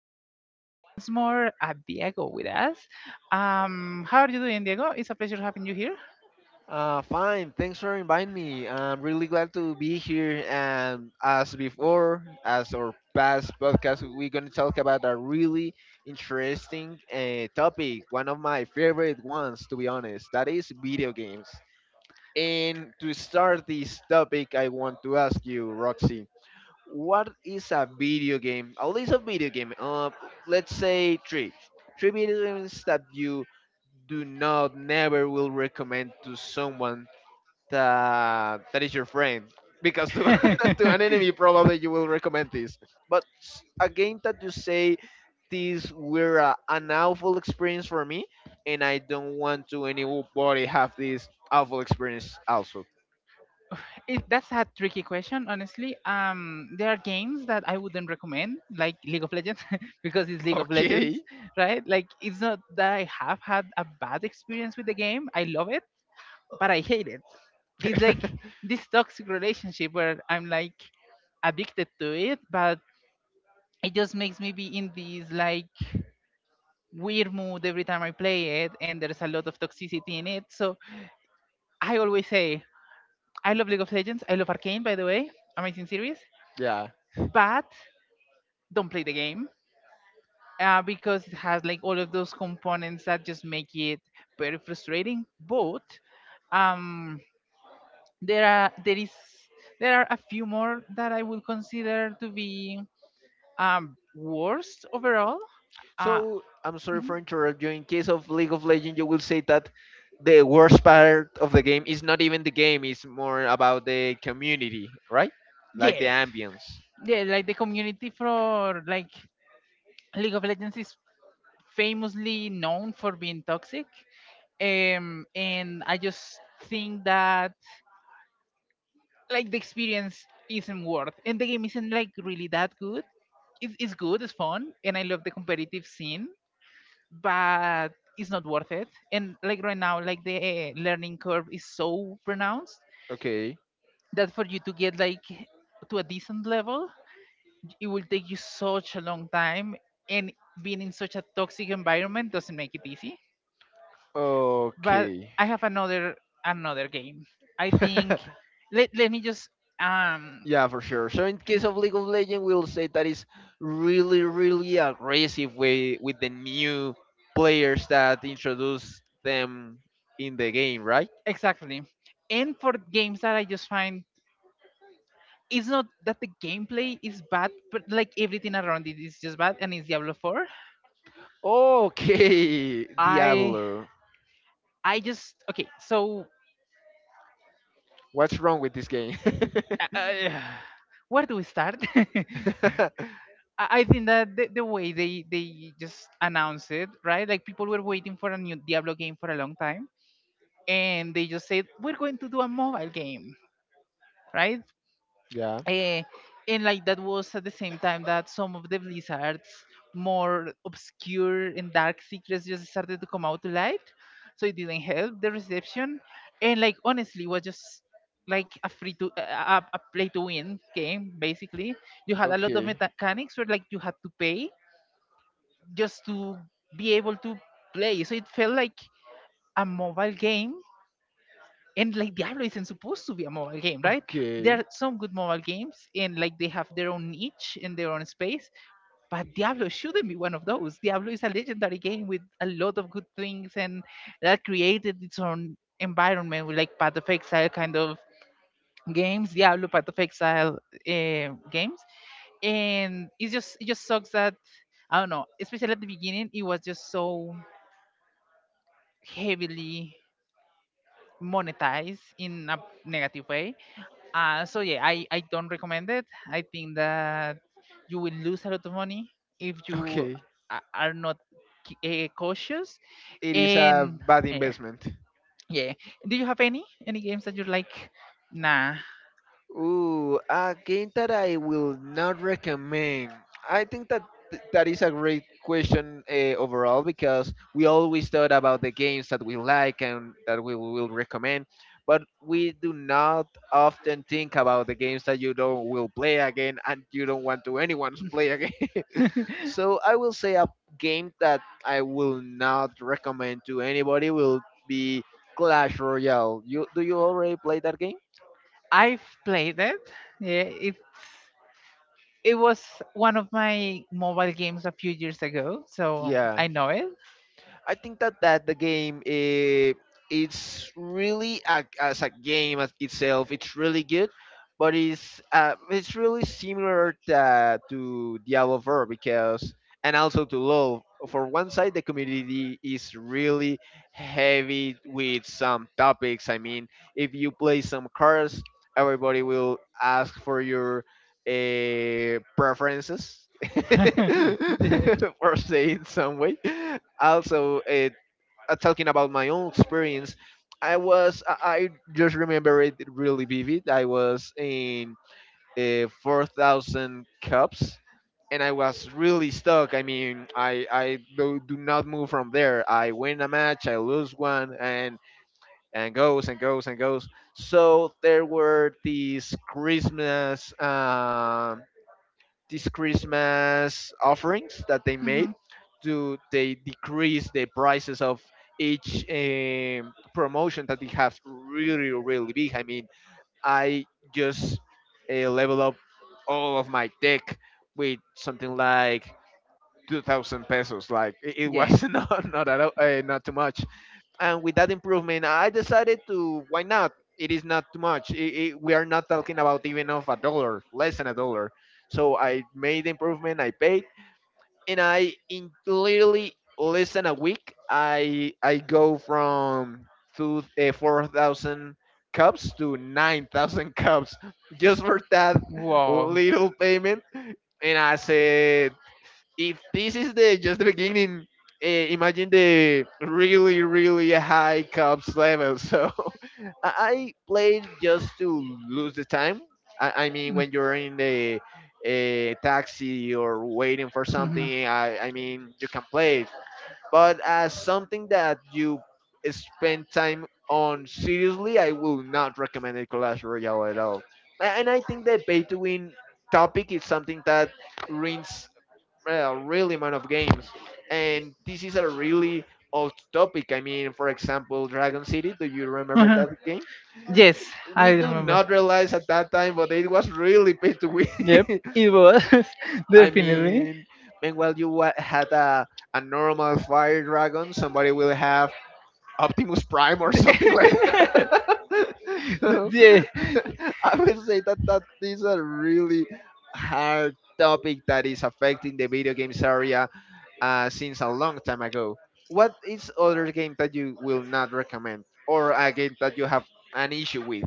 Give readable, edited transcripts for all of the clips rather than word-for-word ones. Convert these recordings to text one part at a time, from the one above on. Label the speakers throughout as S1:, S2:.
S1: I have once more Diego with us. How are you doing, Diego? It's a pleasure having you here.
S2: Fine. Thanks for inviting me. I'm really glad to be here. And as before, as our past podcast, we're going to talk about a really interesting topic, one of my favorite ones, to be honest, that is video games. And to start this topic, I want to ask you, Roxy, what is a video game? A list of video game. Let's say three. Three video games that you do not, never will recommend to someone that is your friend because
S1: Ha ha
S2: to
S1: ha
S2: an enemy probably you will recommend this but a game that you say this were an awful experience for me and I don't want to anybody have this awful
S1: ha.
S2: experience also.
S1: That's a tricky question, honestly. There are games that I wouldn't recommend, like League of Legends, because it's League of Legends,
S2: Okay.
S1: right? Like, it's not that I have had a bad experience with the game. I love it, but I hate it. It's like this toxic relationship where I'm like addicted to it, but it just makes me be in this like weird mood every time I play it, and there's a lot of toxicity in it. So I always say, I love League of Legends. I love Arcane, by the way, amazing series,
S2: Yeah.
S1: but don't play the game because it has like all of those components that just make it very frustrating. But um, there are there is there are a few more that I would consider to be worst overall. Uh,
S2: So I'm sorry
S1: mhm.
S2: for interrupting. You, in case of league of legends, you will say that the worst part of the game is not even the game, it's more about the community, right? Like the
S1: Yeah,
S2: ambience.
S1: yeah, like the community for like League of Legends is famously known for being toxic, and I just think that like the experience isn't worth and the game isn't like really that good. It's good, it's fun, and I love the competitive scene, but it's not worth it, and like right now like the learning curve is so pronounced
S2: Okay.
S1: that for you to get like to a decent level it will take you such a long time, and being in such a toxic environment doesn't make it easy. But
S2: Okay.
S1: I have another game, I think. Let me just um
S2: Yeah, for sure. So in case of League of Legends, we'll say that is really, really aggressive way with the new players that introduce them in the game, right?
S1: Exactly. And for games that I just find it's not that the gameplay is bad, but like everything around it is just bad, and it's Diablo 4.
S2: Okay.
S1: I
S2: Diablo.
S1: I just okay. So
S2: What's wrong with this game?
S1: uh, where do we start? I think that the way they just announced it, right? Like people were waiting for a new Diablo game for a long time, and they just said we're going to do a mobile game, right? Eh, and like that was at the same time that some of the Blizzard's more obscure and dark secrets
S2: Yeah.
S1: just started to come out to light. So it didn't help the reception. And like honestly, was just like a free a play to win game basically. You had a lot of
S2: Okay.
S1: mechanics where like you had to pay just to be able to play. So it felt like a mobile game, and like Diablo isn't supposed to be a mobile game, right? There
S2: Okay.
S1: are some good mobile games, and like they have their own niche and their own space. But Diablo shouldn't be one of those. Diablo is a legendary game with a lot of good things, and that created its own environment with like Path of Exile kind of games, Diablo Path of Exile games, and it just sucks that I don't know, especially at the beginning, it was just so heavily monetize in a negative way. So yeah, I don't recommend it. I think that you will lose a lot of money if you
S2: Okay.
S1: are not cautious.
S2: It is a
S1: And
S2: bad
S1: yeah,
S2: investment.
S1: yeah. Do you have any games that you're like, nah?
S2: Ooh, a game that I will not recommend. I think that that is a great question overall because we always thought about the games that we like and that we will recommend, but we do not often think about the games that you don't will play again and you don't want to anyone play again. So I will say a game that I will not recommend to anybody will be Clash Royale. You already play that game?
S1: I've played it. Yeah, it was one of my mobile games a few years ago, so
S2: Yeah,
S1: I know it.
S2: I think that the game it's really as a game as itself, it's really good, but it's really similar to Diablo 4 because and also to LoL. For one side, the community is really heavy with some topics. I mean, if you play some cards, everybody will ask for your preferences
S1: yeah.
S2: or say in some way. Also, talking about my own experience, I was I just remember it really vivid. I was in 4,000 cups, and I was really stuck. I mean, I do not move from there. I win a match, I lose one, and goes and goes and goes. So there were these Christmas offerings that they made do they decrease the prices of each promotion that they have really really big. I mean, I just level up all of my deck with something like 2,000 pesos. Like it
S1: Yeah.
S2: was not at all, not too much. And with that improvement I decided to, why not? It is not too much. I we are not talking about even of a dollar, less than a dollar. So I made the improvement, I paid. And I in literally less than a week i go from 4,000 cups to 9,000 cups just for that
S1: Wow.
S2: little payment. And I said, if this is the just the beginning, imagine the really really high cups level. So I played just to lose the time. I mean,
S1: Mm.
S2: when you're in the taxi or waiting for
S1: Mhm.
S2: something, I mean, you can play it. But as something that you spend time on seriously, I will not recommend it Clash Royale at all. And I think that pay to win topic is something that ruins a really amount of games. And this is a really old topic. I mean, for example, Dragon City. Do you remember
S1: Uh-huh.
S2: that game?
S1: Yes, I
S2: We do
S1: remember.
S2: not realize at that time, but it was really pay to win.
S1: Yep, it was
S2: I
S1: definitely.
S2: mean, meanwhile you had a normal fire dragon, somebody will have Optimus Prime or something like that. So
S1: yeah.
S2: I would say that that is a really hard topic that is affecting the video games area since a long time ago. What is other game that you will not recommend, or a game that you have an issue with?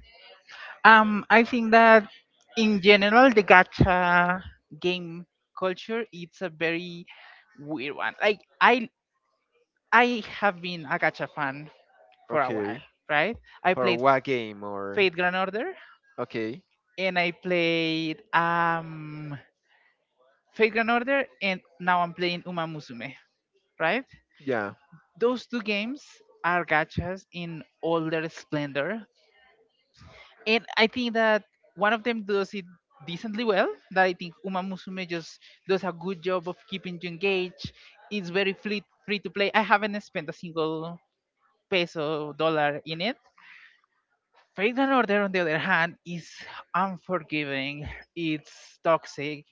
S1: I think that in general, the gacha game culture it's a very weird one. Like I have been a gacha fan for a while,
S2: Okay,
S1: right? I
S2: for
S1: played
S2: what game or
S1: Fate Grand Order,
S2: okay,
S1: and I played Fate Grand Order, and now I'm playing Uma Musume, right?
S2: yeah.
S1: Those two games are gachas in all their splendor. And I think that one of them does it decently well. That I think Uma Musume just does a good job of keeping you engaged. It's very free to play. I haven't spent a single peso dollar in it. Faith and Order, on the other hand, is unforgiving, it's toxic,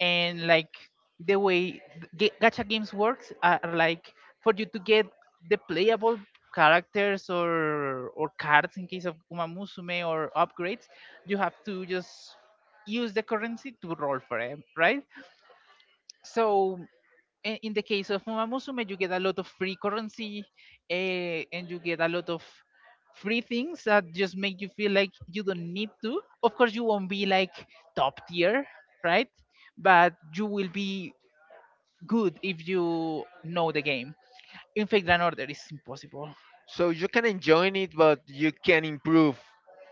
S1: and like the way gacha games works are like for you to get the playable characters or cards in case of Uma Musume or upgrades, you have to just use the currency to roll for them, right? So in the case of Umamusume, you get a lot of free currency, and you get a lot of free things that just make you feel like you don't need to. Of course, you won't be like top tier, right? But you will be good if you know the game. In fact, an order is impossible.
S2: So you can enjoy it, but you can improve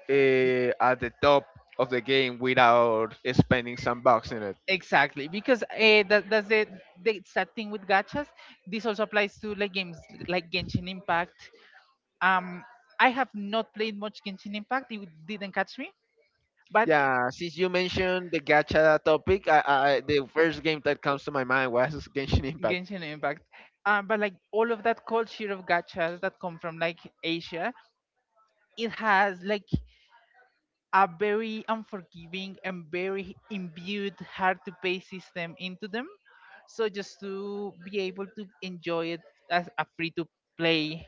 S2: at the top of the game without spending some bucks in it.
S1: Exactly, because that's the sad thing with gachas. This also applies to like games like Genshin Impact. Um, I have not played much Genshin Impact. It didn't catch me. But it,
S2: Yeah, since you mentioned the gacha topic, the first game that comes to my mind was Genshin Impact.
S1: Genshin Impact. But like all of that culture of gachas that come from like Asia, it has like a very unforgiving and very imbued hard to pay system into them. So just to be able to enjoy it as a free to play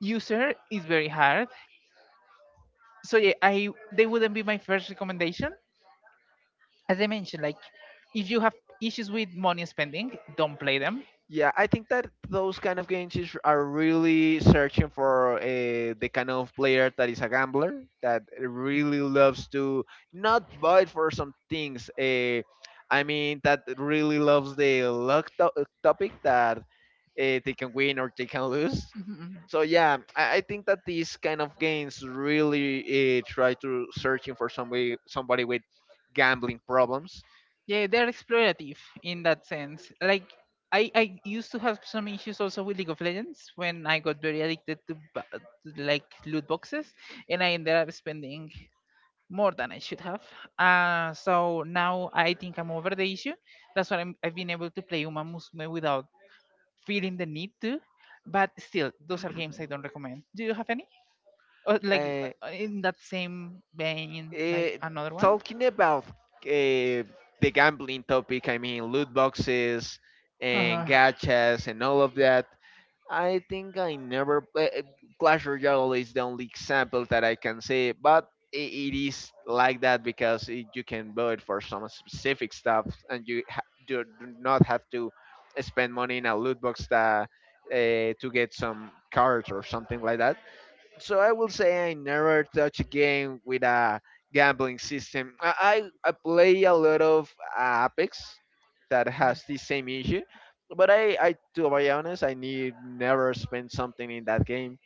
S1: user is very hard. So yeah, I they wouldn't be my first recommendation, as I mentioned, like if you have issues with money spending, don't play them.
S2: Yeah, I think that those kind of games are really searching for the kind of player that is a gambler that
S1: Mm.
S2: really loves to not buy for some things. I mean, that really loves the luck topic that they can win or they can lose.
S1: Mhm.
S2: So yeah, I think that these kind of games really try to searching for somebody with gambling problems.
S1: Yeah, they're explorative in that sense. Like I used to have some issues also with League of Legends when I got very addicted to, to like loot boxes, and I ended up spending more than I should have. So now I think I'm over the issue. That's why I've been able to play Uma Musume without feeling the need to. But still, those are games I don't recommend. Do you have any? Or like
S2: Uh,
S1: in that same vein, like
S2: Uh,
S1: another one?
S2: Talking about the gambling topic, I mean, loot boxes and gachas and all of that, I think I never play. Clash Royale is the only example that I can say, but I it is like that because it, you can vote for some specific stuff and you do not have to spend money in a loot box to get some cards or something like that. So I will say I never touch a game with a gambling system. I play a lot of Apex that has the same issue, but I to be honest, I need never spend something in that game.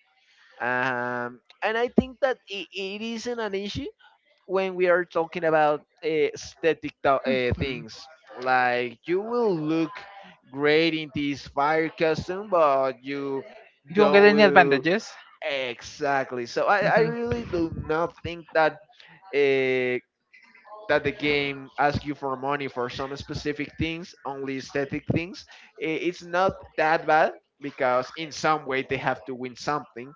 S2: And I think that it isn't an issue when we are talking about aesthetic things. Like you will look great in this fire costume, but you
S1: You won't get
S2: don't
S1: any
S2: will.
S1: advantages.
S2: Exactly. So I
S1: Mhm.
S2: really do not think that uh, that the game asks you for money for some specific things, only aesthetic things. It's not that bad because in some way they have to win something.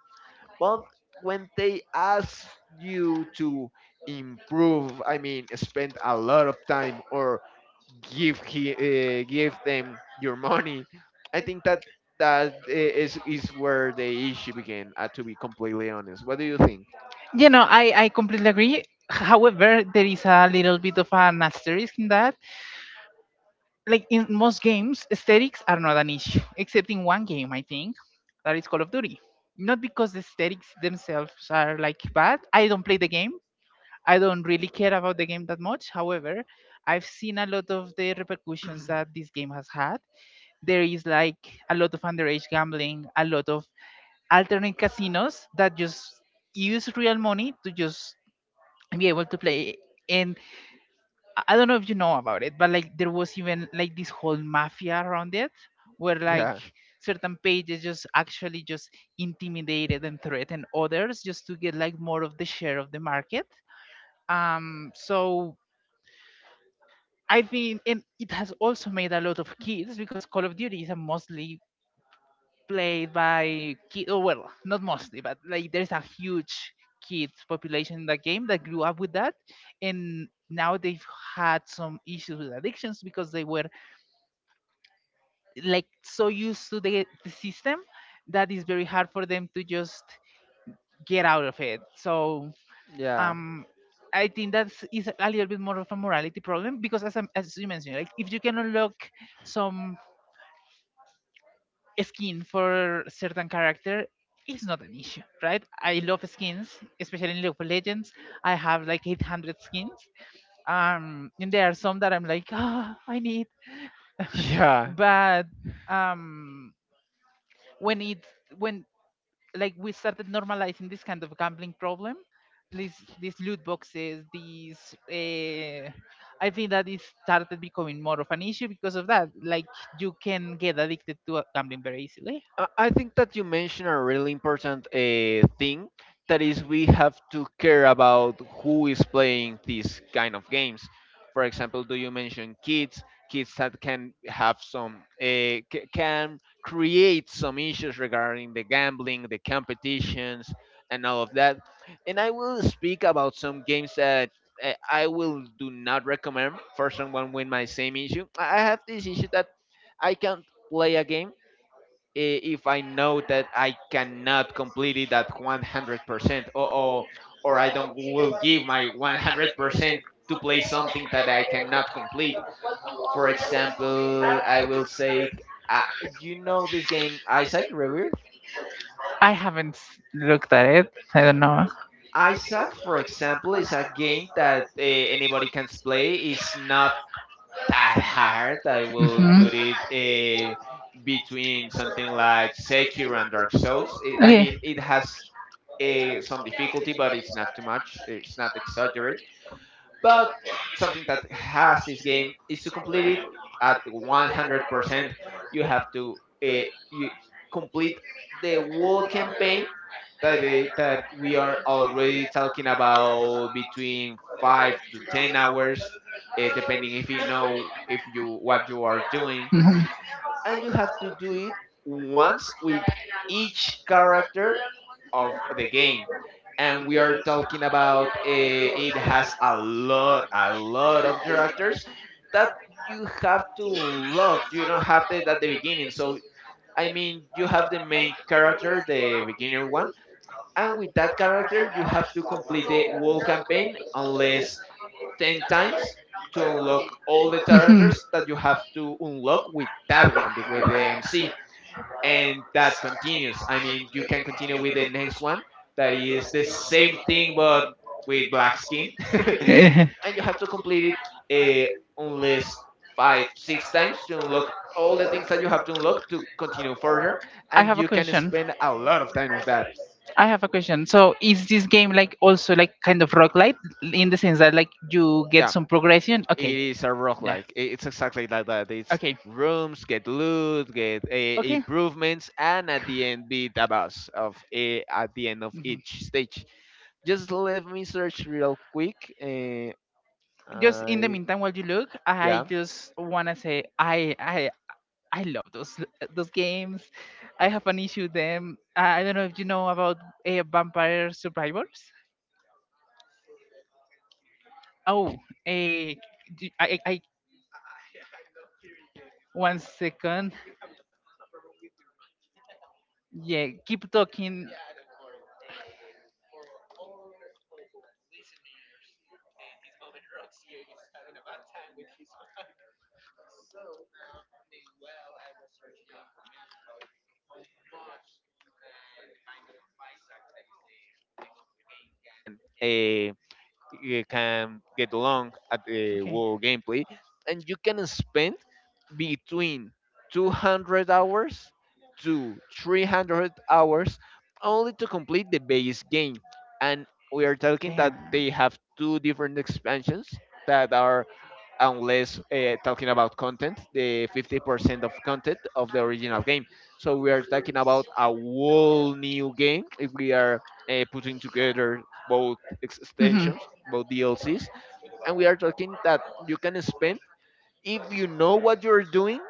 S2: But when they ask you to improve, I mean, spend a lot of time or give them your money. I think that that is where the issue began. To be completely honest, what do you think?
S1: You know, I completely agree. However, there is a little bit of an asterisk in that. Like in most games, aesthetics are not an issue, except in one game, I think, that is Call of Duty. Not because the aesthetics themselves are like bad. I don't play the game. I don't really care about the game that much. However, I've seen a lot of the repercussions that this game has had. There is like a lot of underage gambling, a lot of alternate casinos that just use real money to just be able to play, and I don't know if you know about it, but like there was even like this whole mafia around it where like
S2: Yeah,
S1: certain pages just actually just intimidated and threatened others just to get like more of the share of the market. So I think and it has also made a lot of kids because Call of Duty is a mostly played by kids, oh well, not mostly, but like there's a huge kids population in that game that grew up with that, and now they've had some issues with addictions because they were like so used to the system that is very hard for them to just get out of it. So
S2: yeah,
S1: um, I think that's a little bit more of a morality problem because as you mentioned, like if you can unlock some skin for certain character, it's not an issue, right? I love skins, especially in League of Legends. I have like 800 skins, and there are some that I'm like, ah, I need,
S2: yeah.
S1: but um, when it when like we started normalizing this kind of gambling problem, these loot boxes, these I think that it started becoming more of an issue because of that, like you can get addicted to gambling very easily.
S2: I think that you mentioned a really important thing that is we have to care about who is playing these kind of games. For example, do you mention kids? Kids that can have some can create some issues regarding the gambling, the competitions, and all of that. And I will speak about some games that I will do not recommend for someone with my same issue. I have this issue that I can't play a game if I know that I cannot complete it at 100% or I don't will give my 100% to play something that I cannot complete. For example, I will say, you know this game Isaac Rebirth?
S1: I haven't looked at it, I don't know.
S2: Isaac, for example, is a game that anybody can play. It's not that hard. I will
S1: Hmm.
S2: put it between something like Sekiro and Dark Souls. I I
S1: Okay.
S2: mean, it has some difficulty, but it's not too much. It's not exaggerated. But something that has this game is to complete it at 100%. You have to you complete the whole campaign that we are already talking about between 5 to 10 hours, depending if you know if you what you are doing,
S1: Mm-hmm.
S2: and you have to do it once with each character of the game. And we are talking about it has a lot of characters that you have to unlock. You don't have that at the beginning. So, I mean, you have the main character, the beginner one, and with that character, you have to complete the whole campaign unless 10 times to unlock all the
S1: Mhm.
S2: characters that you have to unlock with that one, with the MC and that continues. I mean, you can continue with the next one that is the same thing but with black skin,
S1: Eh,
S2: and you have to complete it unless five, six times to unlock all the things that you have to unlock to continue further,
S1: I
S2: and
S1: have a
S2: you can
S1: question.
S2: spend a lot of time with that.
S1: I have a question. So is this game like also like kind of rock light in the sense that like you get
S2: Yeah.
S1: some progression?
S2: It
S1: Okay.
S2: is a rock
S1: Yeah.
S2: like it's exactly like that. It's
S1: Okay.
S2: rooms, get loot, get
S1: Okay.
S2: improvements, and at the end beat a boss of at the end of each stage. Just let me search real quick.
S1: Just in the
S2: I
S1: meantime while you look I
S2: Yeah.
S1: just want to say I I love those games. I have an issue with them. I don't know if you know about Vampire Survivors.
S2: I'm sorry, I can't hear you.
S1: Oh, uh, I, I, I-
S2: I I'm not hearing you in this
S1: one
S2: moment. I
S1: second.
S2: think you have a problem with your mic.
S1: Yeah, keep talking.
S2: Yeah, don't worry. For all of our listeners, in this moment, Roxy is having a bad time with his mic. So, meanwhile, I was searching the information about how much the Binding of Isaac, that is the world name of the game, can you can get along at the
S1: Okay.
S2: world gameplay, and you can spend between 200 hours to 300 hours only to complete the base game, and we are talking that
S1: Damn.
S2: they have two different expansions that are unless talking about content, the 50% of content of the original game. So we are talking about a whole new game if we are putting together both
S1: Mhm.
S2: extensions, both DLCs, and we are talking that you can spend, if you know what you're doing,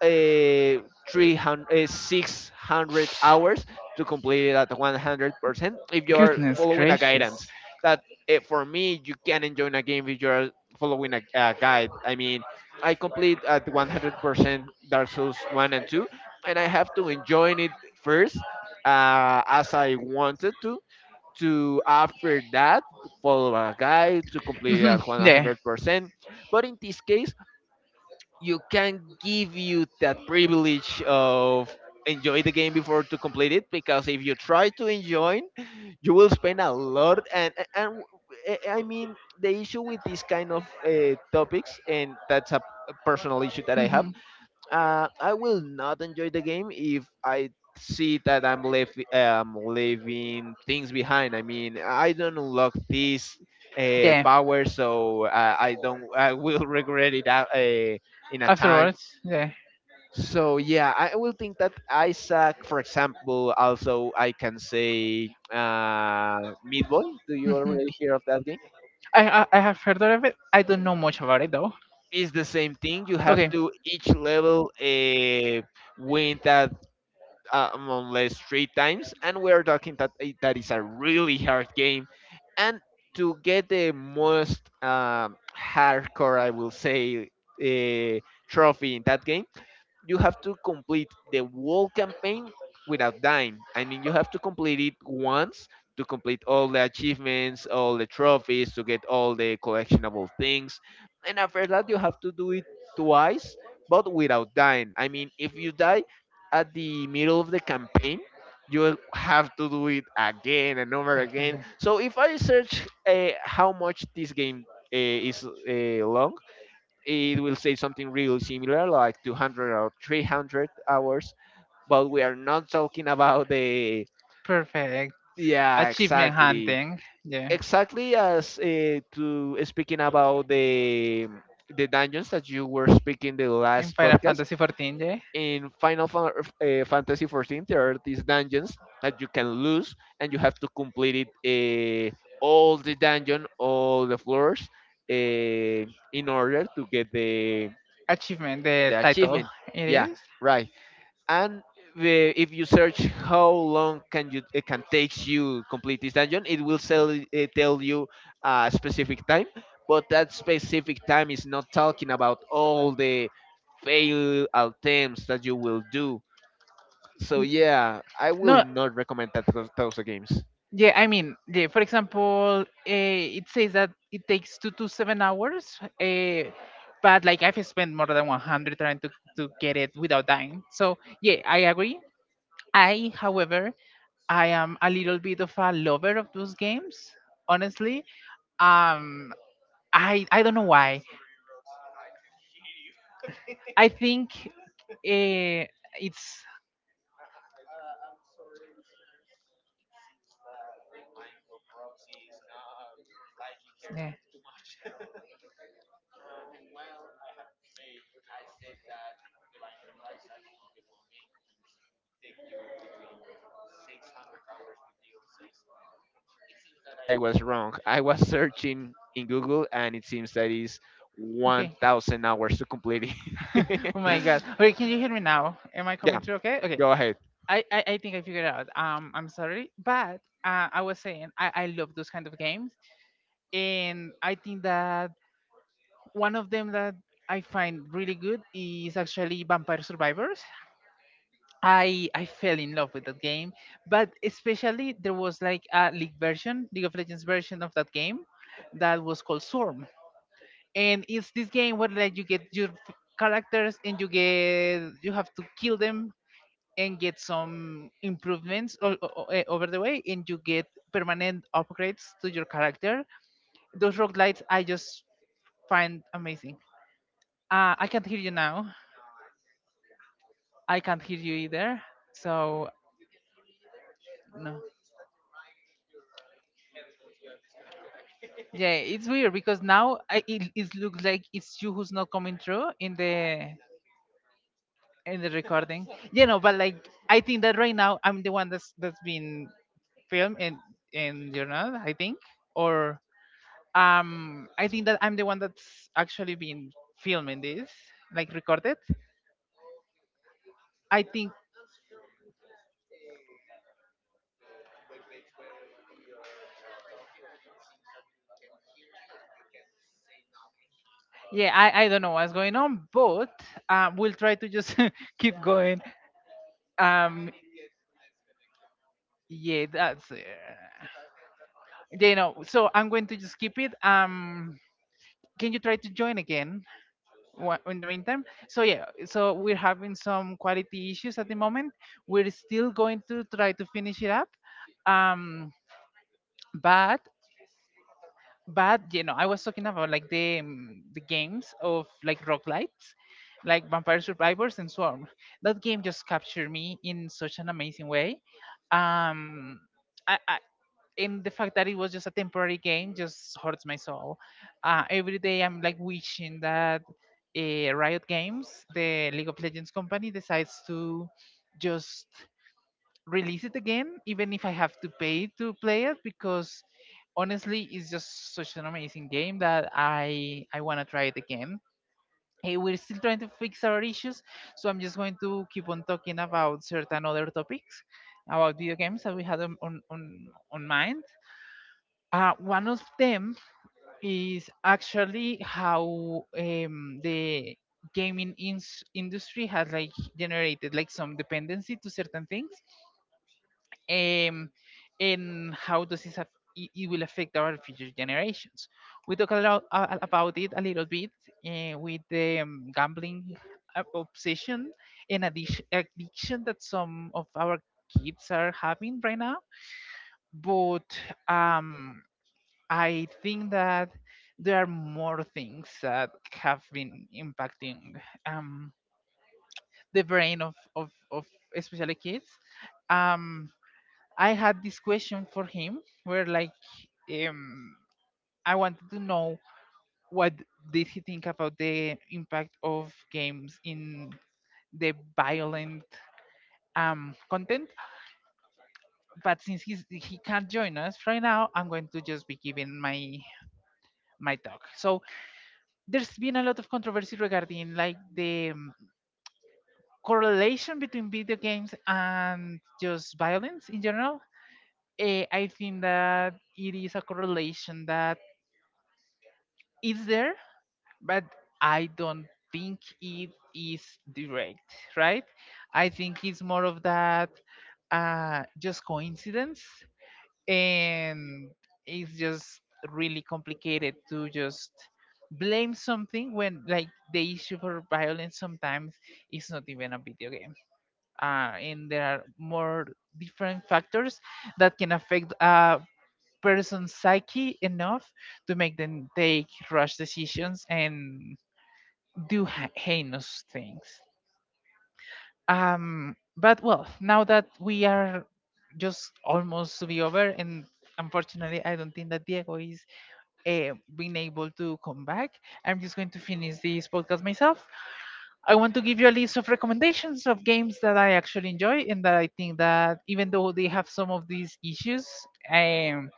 S2: uh, 300 600 hours to complete it at 100% if you are
S1: Goodness
S2: following a
S1: gracious.
S2: guidance. That, for me, you can enjoy a game if you're following a guide. I mean, I complete at 100% dark souls 1 and 2 and I have to enjoy it first, as I wanted to after that follow a guide to complete it
S1: Mhm.
S2: at
S1: Yeah.
S2: 100%. But in this case, you can give you that privilege of enjoy the game before to complete it, because if you try to enjoy, you will spend a lot, I mean, the issue with this kind of topics, and that's a personal issue that I have,
S1: Mhm.
S2: I will not enjoy the game if I see that I'm leaving things behind. I mean, I don't unlock this
S1: Yeah.
S2: power, so I don't. I will regret it out, in a time.
S1: Afterwards, yeah.
S2: So yeah, I will think that Isaac, for example, also I can say Meat Boy. Do you
S1: Mhm.
S2: already hear of that game?
S1: I have heard of it. I don't know much about it though.
S2: It's the same thing. You have
S1: Okay.
S2: to each level win that, among less three times, and we are talking that that is a really hard game, and to get the most hardcore, I will say, uh, trophy in that game, you have to complete the whole campaign without dying. I mean, you have to complete it once to complete all the achievements, all the trophies, to get all the collectionable things. And after that, you have to do it twice, but without dying. I mean, if you die at the middle of the campaign, you have to do it again and over
S1: Okay.
S2: again. So if I search, how much this game is long, it will say something really similar, like 200 or 300 hours, but we are not talking about the.
S1: Perfect.
S2: Yeah,
S1: Achievement
S2: exactly.
S1: hunting. Yeah.
S2: Exactly as, to speaking about the dungeons that you were speaking the
S1: In
S2: last
S1: Final
S2: podcast,
S1: Fantasy 14, yeah.
S2: in Fantasy 14, there are these dungeons that you can lose and you have to complete it, all the dungeon, all the floors, uh, in order to get the
S1: Achievement, the title.
S2: achievement.
S1: It
S2: Yeah,
S1: is.
S2: right. And the, if you search how long can you it can takes you complete this dungeon, it will sell, tell you a specific time, but that specific time is not talking about all the fail attempts that you will do. So yeah, I will
S1: No,
S2: not recommend those games.
S1: yeah, I mean, yeah, for example, it says that it takes 2 to 7 hours, but like I've spent more than 100 trying to get it without dying. So, yeah, I agree. I, however, I am a little bit of a lover of those games, honestly. Um, I don't know
S2: I'm
S1: why.
S2: sorry Roxy, I can hear you
S1: I
S2: again.
S1: think uh, it's
S2: I'm sorry, listeners. It seems that the mic of Roxy is not liking her
S1: yeah.
S2: too much. And well, I have to say, I said that The Binding of Isaac, the whole game, take you between 600 hours with DLCs. I was wrong. I was searching in Google, and it seems that is
S1: Okay.
S2: 1,000 hours to complete it.
S1: Oh my god. Okay, can you hear me now? Am I
S2: Yeah,
S1: coming through okay? Okay.
S2: go ahead.
S1: I think I figured it out. Um, I'm sorry. But I was saying I love those kind of games, and I think that one of them that I find really good is actually Vampire Survivors. I fell in love with that game, but especially there was like a league version, League of Legends version of that game that was called Swarm. And it's this game where like you get your characters and you get you have to kill them and get some improvements over the way, and you get permanent upgrades to your character. Those roguelites I just find amazing. I can't hear you now. I can't hear you either. So no. Yeah, it's weird because now it looks like it's you who's not coming through in the recording. You know, but like I think that right now I'm the one that's been filmed, and you're not. I think, or um, I think that I'm the one that's actually been filming this, like recorded. I think yeah, I don't know what's going on, but we'll try to just keep going. Um, yeah that's. It. Yeah, you know, so I'm going to just keep it. Can you try to join again in the meantime? So yeah, so we're having some quality issues at the moment. We're still going to try to finish it up. Um, but but you know, I was talking about like the games of like rock lights, like Vampire Survivors and Swarm. That game just captured me in such an amazing way. Um, I and the fact that it was just a temporary game just hurts my soul. Every day I'm like wishing that Riot Games, the League of Legends company, decides to just release it again, even if I have to pay to play it, because honestly, it's just such an amazing game that I want to try it again. Hey, we're still trying to fix our issues, so I'm just going to keep on talking about certain other topics about video games that we had on on mind. Uh, one of them is actually how the gaming industry has like generated like some dependency to certain things, um, and how does this it will affect our future generations. We talk a lot about it a little bit with the gambling obsession and addiction that some of our kids are having right now, but um, I think that there are more things that have been impacting um, the brain of, of especially kids. Um, I had this question for him where like um, I wanted to know what did he think about the impact of games in the violent content. But since he can't join us right now, I'm going to just be giving my my talk. So there's been a lot of controversy regarding like the correlation between video games and just violence in general. Eh, I think that it is a correlation that is there, but I don't think it is direct, right? I think it's more of that just coincidence, and it's just really complicated to just blame something when like the issue for violence sometimes is not even a video game. Uh, and there are more different factors that can affect a person's psyche enough to make them take rash decisions and do heinous things. Um, but well, now that we are just almost to be over, and unfortunately I don't think that Diego is been able to come back, I'm just going to finish this podcast myself. I want to give you a list of recommendations of games that I actually enjoy and that I think that even though they have some of these issues, um,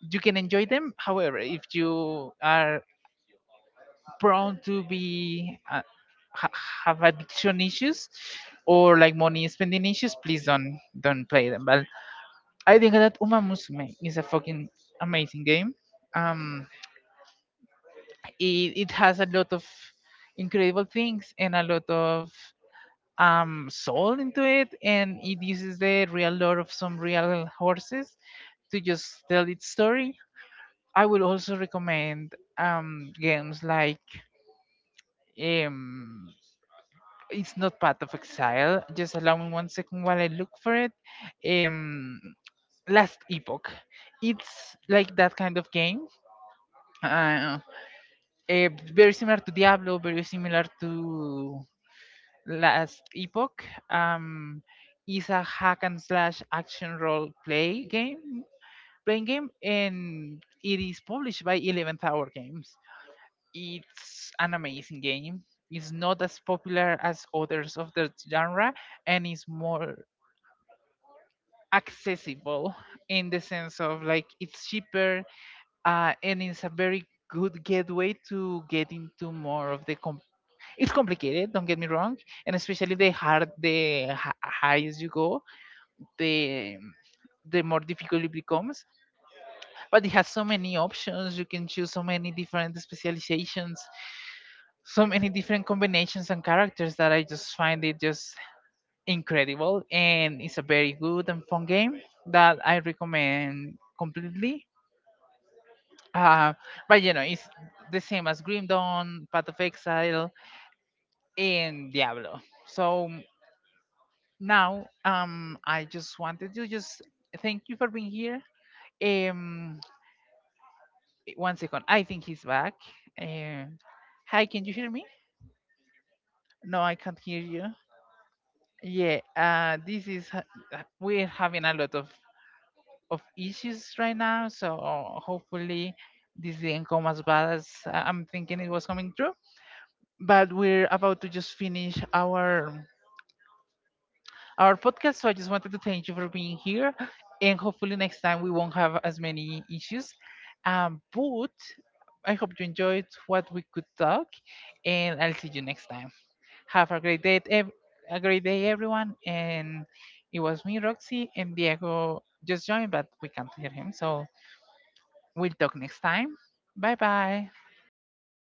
S1: you can enjoy them. However, if you are prone to be ha- have addiction issues or like money spending issues, please don't play them. But I think that Uma Musume is a fucking amazing game. Um, it has a lot of incredible things and a lot of soul into it, and it uses the real lore of some real horses to just tell its story. I would also recommend games like um, it's not Path of Exile, just allow me one second while I look for it. Um, Last Epoch, it's like that kind of game. Uh, eh, very similar to Diablo, very similar to Last Epoch. Um, is a hack and slash action role play game playing game, and it is published by 11th Hour Games. It's an amazing game. It's not as popular as others of the genre, and it's more accessible in the sense of like it's cheaper. Uh, and it's a very good gateway to get into more of the It's complicated, don't get me wrong, and especially the hard the highest you go, the the more difficult it becomes. But it has so many options. You can choose so many different specializations, so many different combinations and characters, that I just find it just incredible. And it's a very good and fun game that I recommend completely. Uh, but you know, it's the same as Grim Dawn, Path of Exile, and Diablo. So now um, I just wanted to just thank you for being here. Um, one second, I think he's back. Um, hi, can you hear me? No, I can't hear you. Yeah, uh, this is we're having a lot of issues right now, so hopefully this didn't come as bad as I'm thinking it was coming through, but we're about to just finish our podcast. So I just wanted to thank you for being here, and hopefully next time we won't have as many issues. But I hope you enjoyed what we could talk, and I'll see you next time. Have a great day, a great day, everyone. And it was me, Roxy, and Diego just joined, but we can't hear him. So we'll talk next time. Bye bye.